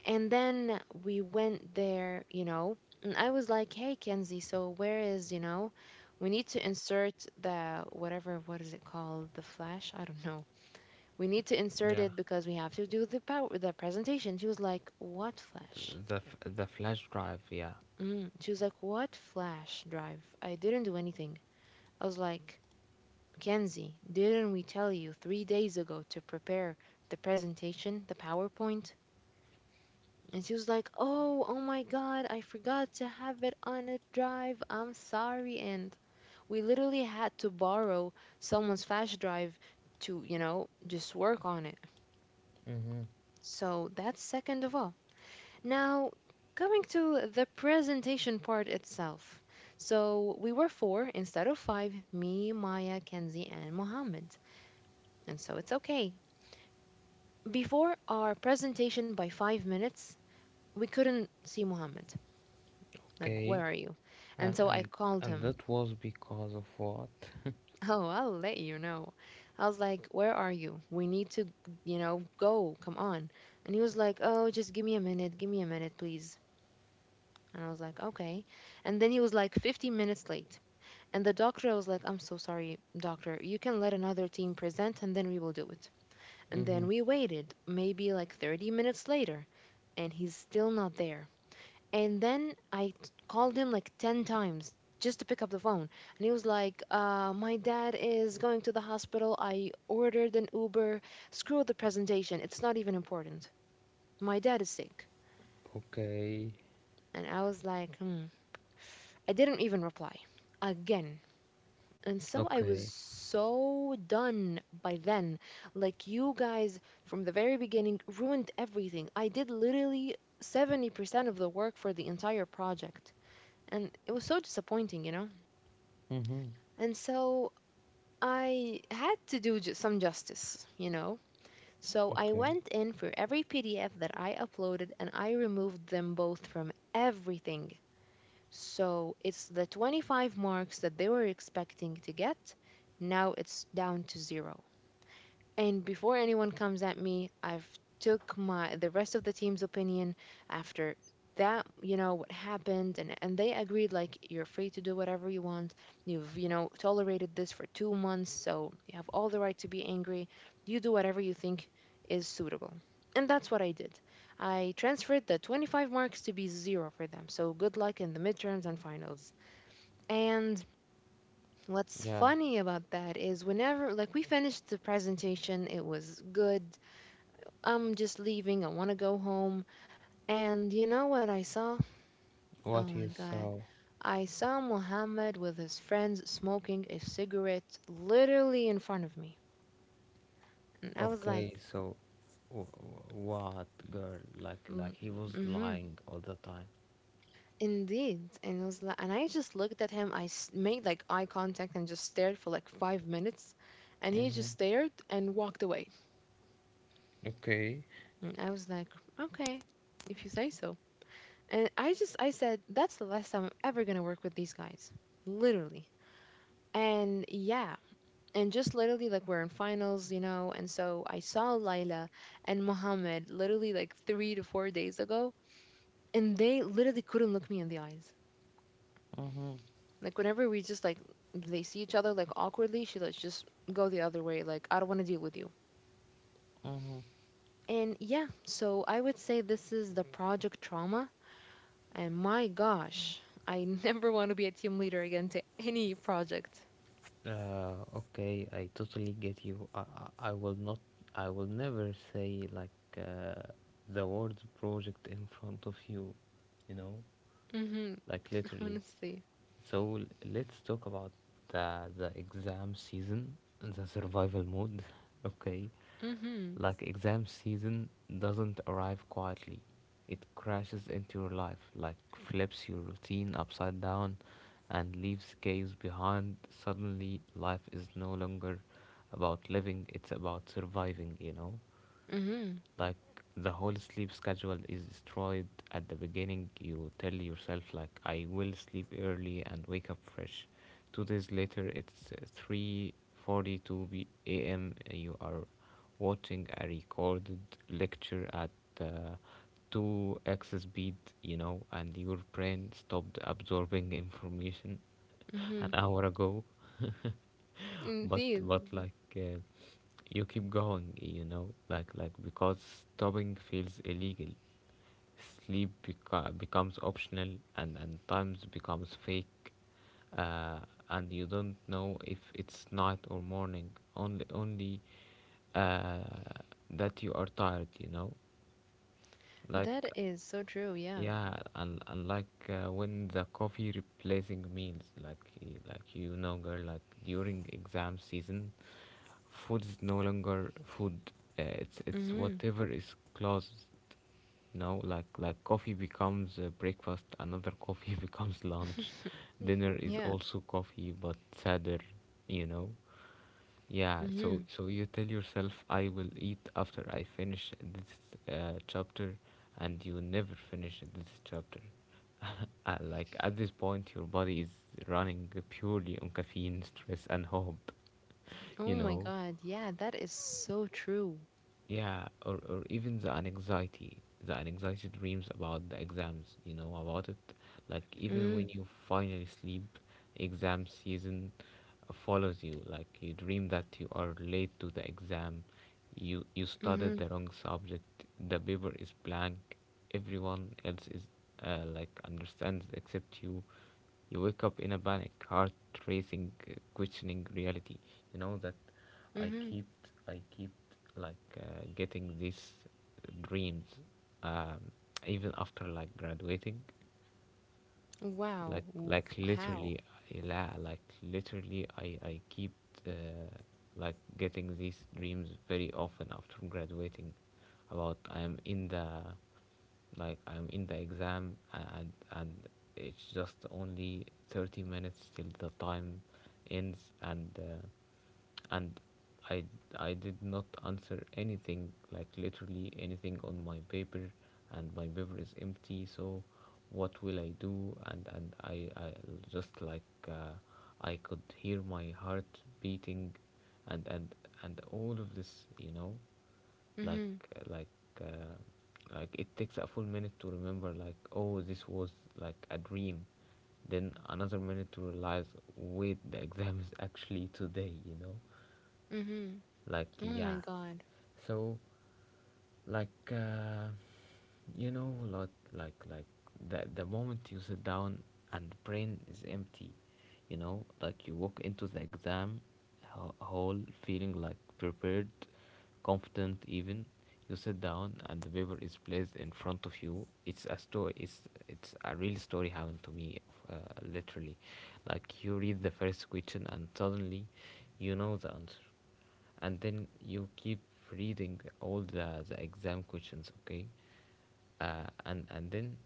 And then we went there, you know. And I was like, "Hey, Kenzie, so where is, you know, we need to insert the, whatever, what is it called, the flash, I don't know, we need to insert
Yeah.
it because we have to do the power the presentation." She was like, "What flash?"
The the flash drive, yeah.
Mm. She was like, "What flash drive? I didn't do anything." I was like, "Mackenzie, didn't we tell you three days ago to prepare the presentation, the PowerPoint?" And she was like, "Oh, oh my God, I forgot to have it on a drive. I'm sorry." And we literally had to borrow someone's flash drive to, you know, just work on it.
Mm-hmm.
So that's second of all. Now, going to the presentation part itself. So, we were four instead of five: me, Maya, Kenzie, and Mohammed. And so it's okay. Before our presentation by five minutes, we couldn't see Mohammed. Like, where
Okay,
are you? And
and
so I called him. *laughs*
that was because of what?
Oh, I'll let you know. I was like, "Where are you? We need to, you know, go. Come on." And he was like, "Oh, just give me a minute. Give me a minute, please." And I was like, "Okay." And then he was like 15 minutes late. And the doctor was like, I'm so sorry, doctor. You can let another team present and then we will do it. And
Mm-hmm.
then we waited, maybe like 30 minutes later, and he's still not there. And then called him like 10 times just to pick up the phone. And he was like, "My dad is going to the hospital. I ordered an Uber. Screw the presentation. It's not even important. My dad is sick."
Okay.
And I was like, hmm. I didn't even reply. Again. And so I was
Okay.
so done by then. Like, you guys from the very beginning ruined everything. I did literally 70% of the work for the entire project. And it was so disappointing, you know?
Mm-hmm.
And so I had to do some justice, you know? So I
Okay.
went in for every PDF that I uploaded, and I removed them both from everything. So it's the 25 marks that they were expecting to get. Now it's down to zero. And before anyone comes at me, I've took my the rest of the team's opinion after that, you know what happened. And they agreed like, "You're free to do whatever you want. You've, you know, tolerated this for 2 months, so you have all the right to be angry. You do whatever you think is suitable." And that's what I did. I transferred the 25 marks to be 0 for them. So good luck in the midterms and finals. And what's
Yeah.
funny about that is whenever, like, we finished the presentation, it was good. I'm just leaving. I want to go home. And you know what I saw? Oh
What
my
you
God.
saw?
I saw Mohammed with his friends smoking a cigarette literally in front of me. And I was
Okay,
like,
so w- what girl?
mm,
Like he was
hmm,
lying all the time.
indeed. And it was like, and I just looked at him. Made like eye contact and just stared for like five minutes. And he
Mm-hmm.
just stared and walked away.
Okay.
And I was like, okay, if you say so. And I said, that's the last time I'm ever going to work with these guys. Literally. And yeah, and just literally, like, we're in finals, you know. And so I saw Laila and Mohammed literally like three to four days ago, and they literally couldn't look me in the eyes.
Mm-hmm,
Like whenever we just like they see each other like awkwardly, she like just go the other way. Like, I don't want to deal with you.
mm-hmm.
And yeah, so I would say this is the project trauma. And my gosh, I *laughs* never want to be a team leader again to any project.
Okay, I totally get you. I will not, I will never say like uh, the word project in front of you, you know?
Mhm.
Like
*laughs*
literally.
Honestly.
So let's talk about the exam season, the survival mode. *laughs* Okay,
Mhm.
like exam season doesn't arrive quietly. It crashes into your life, like flips your routine upside down, and leaves caves behind. Suddenly, life is no longer about living; it's about surviving. You know,
Mhm.
like the whole sleep schedule is destroyed. At the beginning you tell yourself, like, I will sleep early and wake up fresh. 2 days later it's 3:42 p.m, you are watching a recorded lecture at uh, 2x speed, you know, and your brain stopped absorbing information *laughs* an
Mhm.
hour ago. *laughs* But
Indeed.
like you keep going, you know, like because stopping feels illegal. Sleep becomes optional, and times becomes fake, uh, and you don't know if it's night or morning. Only uh, that you are tired, you know? Like,
That is so true. Yeah.
yeah, and like when the coffee replacing meals, like, like, girl, like during exam season, food is no longer food. It's
Hmm.
whatever is close, you know. Like coffee becomes breakfast, another coffee *laughs* becomes lunch,
*laughs*
dinner is
Yeah.
also coffee but sadder, you know. Yeah, so
Hmm.
so you tell yourself, I will eat after I finish this chapter, and you never finish this chapter. *laughs* Like, at this point your body is running purely on caffeine, stress and hope,
Oh
you
my
know.
God. Yeah, that is so true.
Yeah, or even the anxiety dreams about the exams, you know, about it. Like, even
Mm-hmm.
when you finally sleep, exam season follows you. Like, you dream that you are late to the exam, you studied
Mm-hmm.
the wrong subject, the paper is blank, everyone else is like understands except you. You wake up in a panic, heart racing, questioning reality. You know that i
Mm-hmm.
keep, I keep, like, getting these dreams, um, even after like graduating.
Wow.
like like
How?
literally, like literally, I keep uh, like getting these dreams very often after graduating, about I am in the, like, I'm in the exam, and it's just only 30 minutes till the time ends, and I I did not answer anything, like literally anything on my paper, and my paper is empty. So what will I do? And I just like I could hear my heart beating, and and all of this, you know, like
Mm-hmm.
like like it takes a full minute to remember, like, oh, this was like a dream. Then another minute to realize, wait, the exam is actually today, you know,
Mm-hmm.
like,
Oh my
yeah.
God.
So like, you know, like the moment you sit down and brain is empty, you know, like you walk into the exam hall feeling like prepared, confident even. You sit down and the paper is placed in front of you. It's a story, it's a real story, happened to me, uh, literally. Like, you read the first question and suddenly you know the answer, and then you keep reading all the exam questions, okay, and then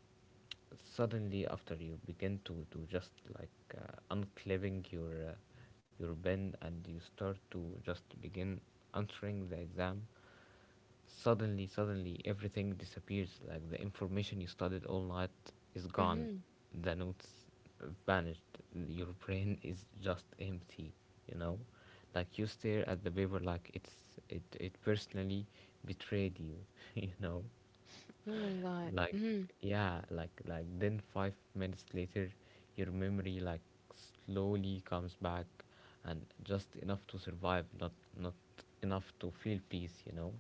suddenly, after you begin to just like unclipping your pen and you start to just begin answering the exam. Suddenly, suddenly, everything disappears. Like, the information you studied all night is gone.
Mm-hmm.
The notes vanished. Your brain *laughs* is just empty. You know, like you stare at the paper like it's, it personally betrayed you. *laughs* You know,
Oh my God.
like,
Mm-hmm.
yeah, like then 5 minutes later, your memory, like, slowly comes back, and just enough to survive, not not enough to feel peace. You know,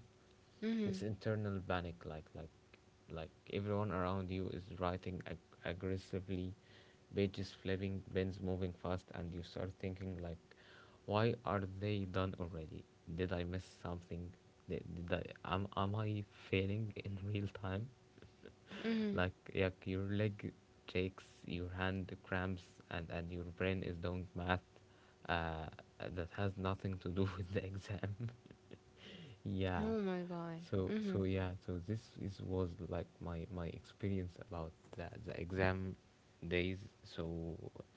Mm-hmm.
this internal panic, like everyone around you is writing aggressively, pages flipping, pens moving fast, and you start thinking, like, why are they done already? Did I miss something? Did I, am I failing in real time?
Mm-hmm.
Like your leg shakes, your hand cramps, and your brain is doing math uh, that has nothing to do *laughs* with the exam. *laughs* Yeah.
Oh my God.
so
Mm-hmm.
so yeah, this is was like my experience about the exam days. So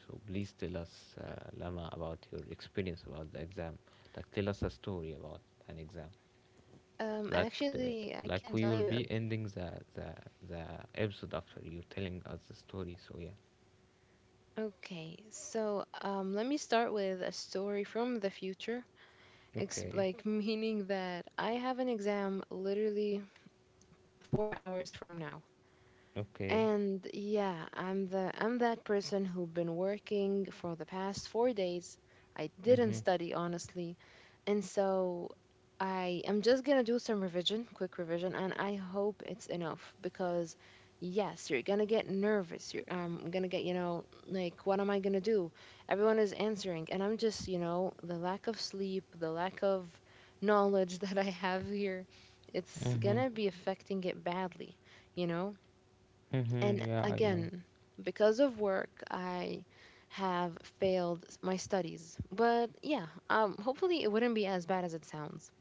so please tell us, Lama, about your experience about the exam. Like, tell us a story about an exam. Like, the,
Actually, I
like,
can
we
tell
will
you.
be ending the episode after you telling us the story. So yeah.
Okay, so let me start with a story from the future.
Okay,
Like, meaning that I have an exam literally 4 hours from now.
okay.
And yeah, I'm that person who've been working for the past 4 days. I didn't
Mhm,
study, honestly. And so I am just going to do some revision, quick revision, and I hope it's enough because, yes, you're going to get nervous. You're going to get, you know, like, what am I going to do? Everyone is answering and I'm just, you know, the lack of sleep, the lack of knowledge *laughs* that I have here, it's going
mhm,
to be affecting it badly, you know.
mhm.
And
Yeah, I know.
again, because of work, I have failed my studies. But yeah, hopefully it wouldn't be as bad as it sounds.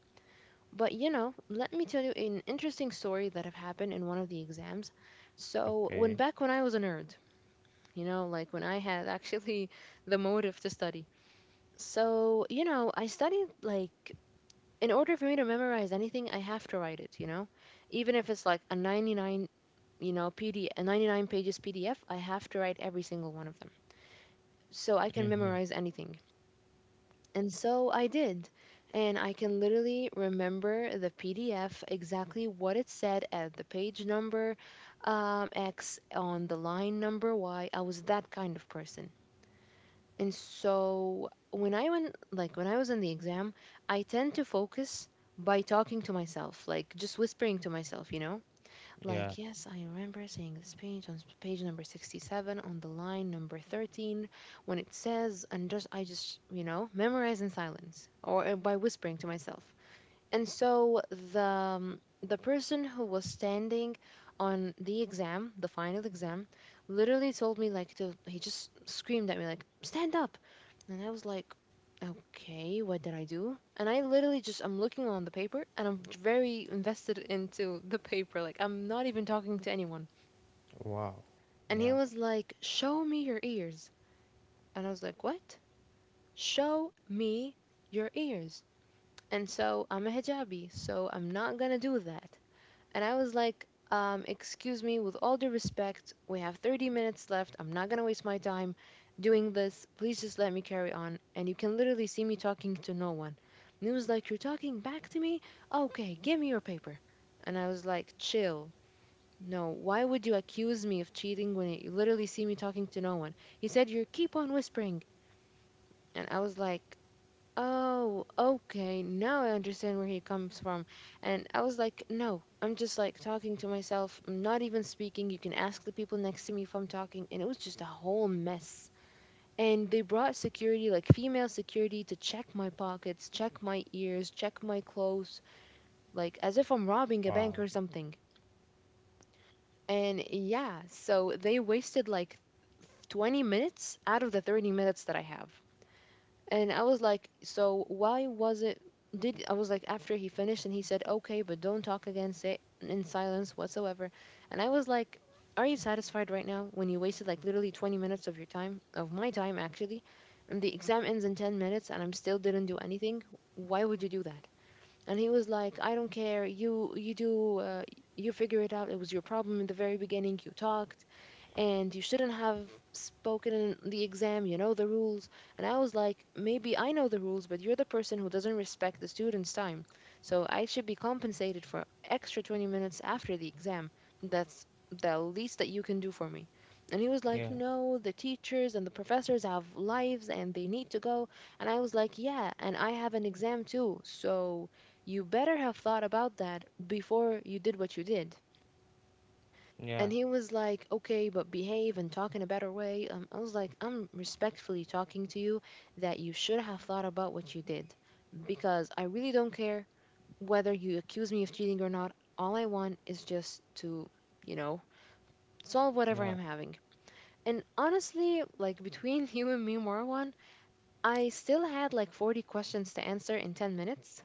But you know, let me tell you an interesting story that have happened in one of the exams. So when
Okay.
back when I was a nerd, you know, like when I had actually *laughs* the motive to study. So you know, I studied like, in order for me to memorize anything, I have to write it. You know, even if it's like a 99, you know, PD a 99 pages PDF, I have to write every single one of them. So I can
Mhm.
memorize anything. And so I did. And I can literally remember the PDF exactly what it said at the page number X on the line number Y. I was that kind of person. And so when I was in the exam, I tend to focus by talking to myself, like just whispering to myself, you know?
Yeah.
Like, yes, I remember seeing this page on page number 67 on the line number 13 when it says, and you know, memorize in silence or by whispering to myself. And so the person who was standing on the exam, the final exam, literally told me like to he just screamed at me, like, stand up. And I was like, okay, what did I do? And I literally just I'm looking on the paper and I'm very invested into the paper, like I'm not even talking to anyone.
Wow.
And he
Yeah.
was like, show me your ears. And I was like, what? Show me your ears. And so I'm a hijabi, so I'm not gonna do that. And I was like, excuse me, with all due respect, we have 30 minutes left. I'm not going to waste my time doing this. Please just let me carry on. And you can literally see me talking to no one. And he was like, you're talking back to me? Okay, give me your paper. And I was like, chill. No, why would you accuse me of cheating when you literally see me talking to no one? He said, you keep on whispering. And I was like, oh, okay. Now I understand where he comes from. And I was like, no, I'm just like talking to myself. I'm not even speaking. You can ask the people next to me if I'm talking. And it was just a whole mess. And they brought security, like female security, to check my pockets, check my ears, check my clothes, like as if I'm robbing a bank
Wow.
or something. And yeah, so they wasted like 20 minutes out of the 30 minutes that I have. And I was like, so why was it? Did I was like after he finished, and he said, okay, but don't talk again, say in silence whatsoever. And I was like, are you satisfied right now when you wasted like literally 20 minutes of your time, of my time actually, and the exam ends in 10 minutes and I'm still didn't do anything? Why would you do that? And he was like, I don't care. You do you figure it out. It was your problem in the very beginning. You talked and you shouldn't have spoken in the exam. You know the rules. And I was like, maybe I know the rules, but you're the person who doesn't respect the student's time. So I should be compensated for extra 20 minutes after the exam. That's the least that you can do for me. And he was like, no, the teachers and the professors have lives and they need to go. And I was like, yeah, and I have an exam too. So you better have thought about that before you did what you did.
Yeah.
And he was like, okay, but behave and talk in a better way. I was like, I'm respectfully talking to you that you should have thought about what you did, because I really don't care whether you accuse me of cheating or not. All I want is just to, you know, solve whatever
Yeah.
I'm having. And honestly, like, between *laughs* you and me, Marwan, I still had like 40 questions to answer in 10 minutes.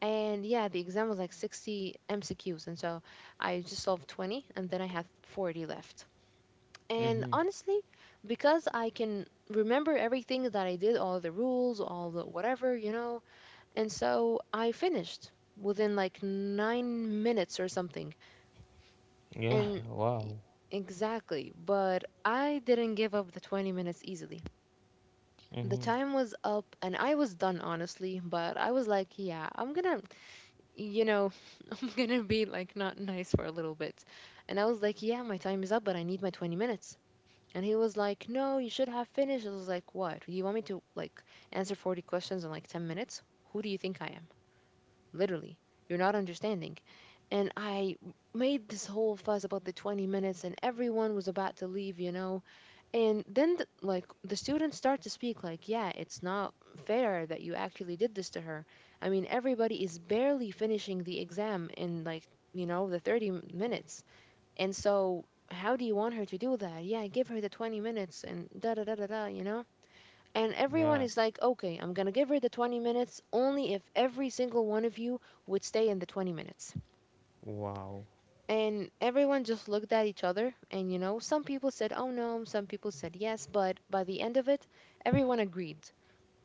And yeah, the exam was like 60 MCQs. And so I just solved 20 and then I had 40 left. And honestly, because I can remember everything that I did, all the rules, all the whatever, you know, and so I finished within like 9 minutes or something.
Yeah.
And e-
Wow.
exactly, but I didn't give up the 20 minutes easily. The time was up and I was done, honestly, but I was like, yeah, I'm gonna, you know, *laughs* I'm gonna be like not nice for a little bit. And I was like, yeah, my time is up, but I need my 20 minutes. And he was like, no, you should have finished. I was like, what? You want me to like answer 40 questions in like 10 minutes? Who do you think I am? Literally, you're not understanding. And I made this whole fuss about the 20 minutes, and everyone was about to leave, you know? And then, like, the students start to speak, like, yeah, it's not fair that you actually did this to her. I mean, everybody is barely finishing the exam in like, you know, the 30 minutes. And so, how do you want her to do that? Yeah, give her the 20 minutes and da da da da da, you know? And everyone
Yeah.
is like, okay, I'm going to give her the 20 minutes only if every single one of you would stay in the 20 minutes.
Wow.
And everyone just looked at each other. And, you know, some people said, oh no, some people said yes. But by the end of it, everyone agreed.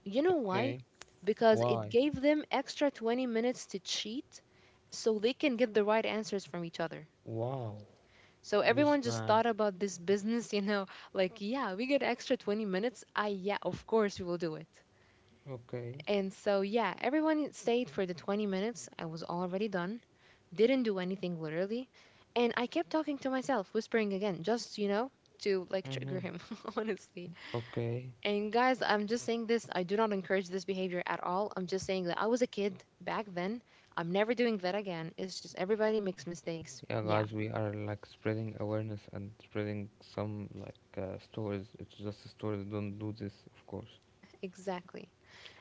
You know why?
Okay.
Because it
Why?
gave them extra 20 minutes to cheat so they can get the right answers from each other.
Wow.
So
This
everyone just
man.
thought about this business, you know, like, yeah, we get extra 20 minutes. I, yeah, of course we will do it.
Okay.
And so, yeah, everyone stayed for the 20 minutes. I was already done, didn't do anything literally. And I kept talking to myself, whispering again, just, you know, to like trigger
Mhm.
him, *laughs* honestly.
Okay.
And guys, I'm just saying this. I do not encourage this behavior at all. I'm just saying that I was a kid back then. I'm never doing that again. It's just everybody makes mistakes.
Yeah,
Yeah.
guys, we are, like, spreading awareness and spreading some like stories. It's just stories. Don't do this, of course.
Exactly.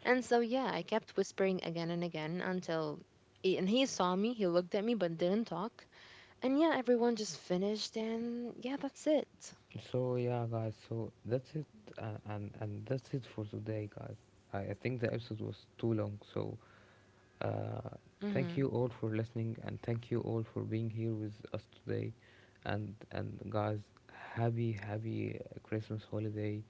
And so, yeah, I kept whispering again and again until. And he saw me, he looked at me, but didn't talk. And yeah, everyone just finished, and yeah, that's it.
So yeah, guys. So that's it, and that's it for today, guys. I think the episode was too long. So Uh, thank
Mm-hmm.
you all for listening, and thank you all for being here with us today. And guys, happy Christmas holiday.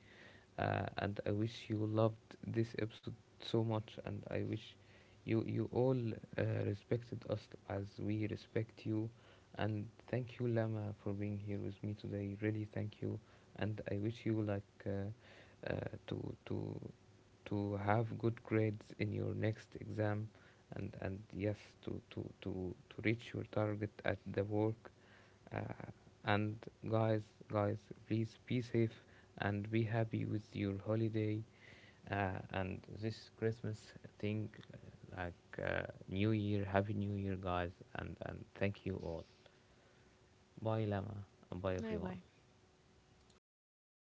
And I wish you loved this episode so much, and I wish you all respected us as we respect you. And thank you, Lama, for being here with me today. Really, thank you. And I wish you like. Uh, to to to have good grades in your next exam, and yes, to reach your target at the work, uh, and guys guys, please be safe and be happy with your holiday, and this Christmas thing, uh, like new year, happy new year, guys, and thank you all. Bye, Lama, and bye,
Bye
everyone.
bye.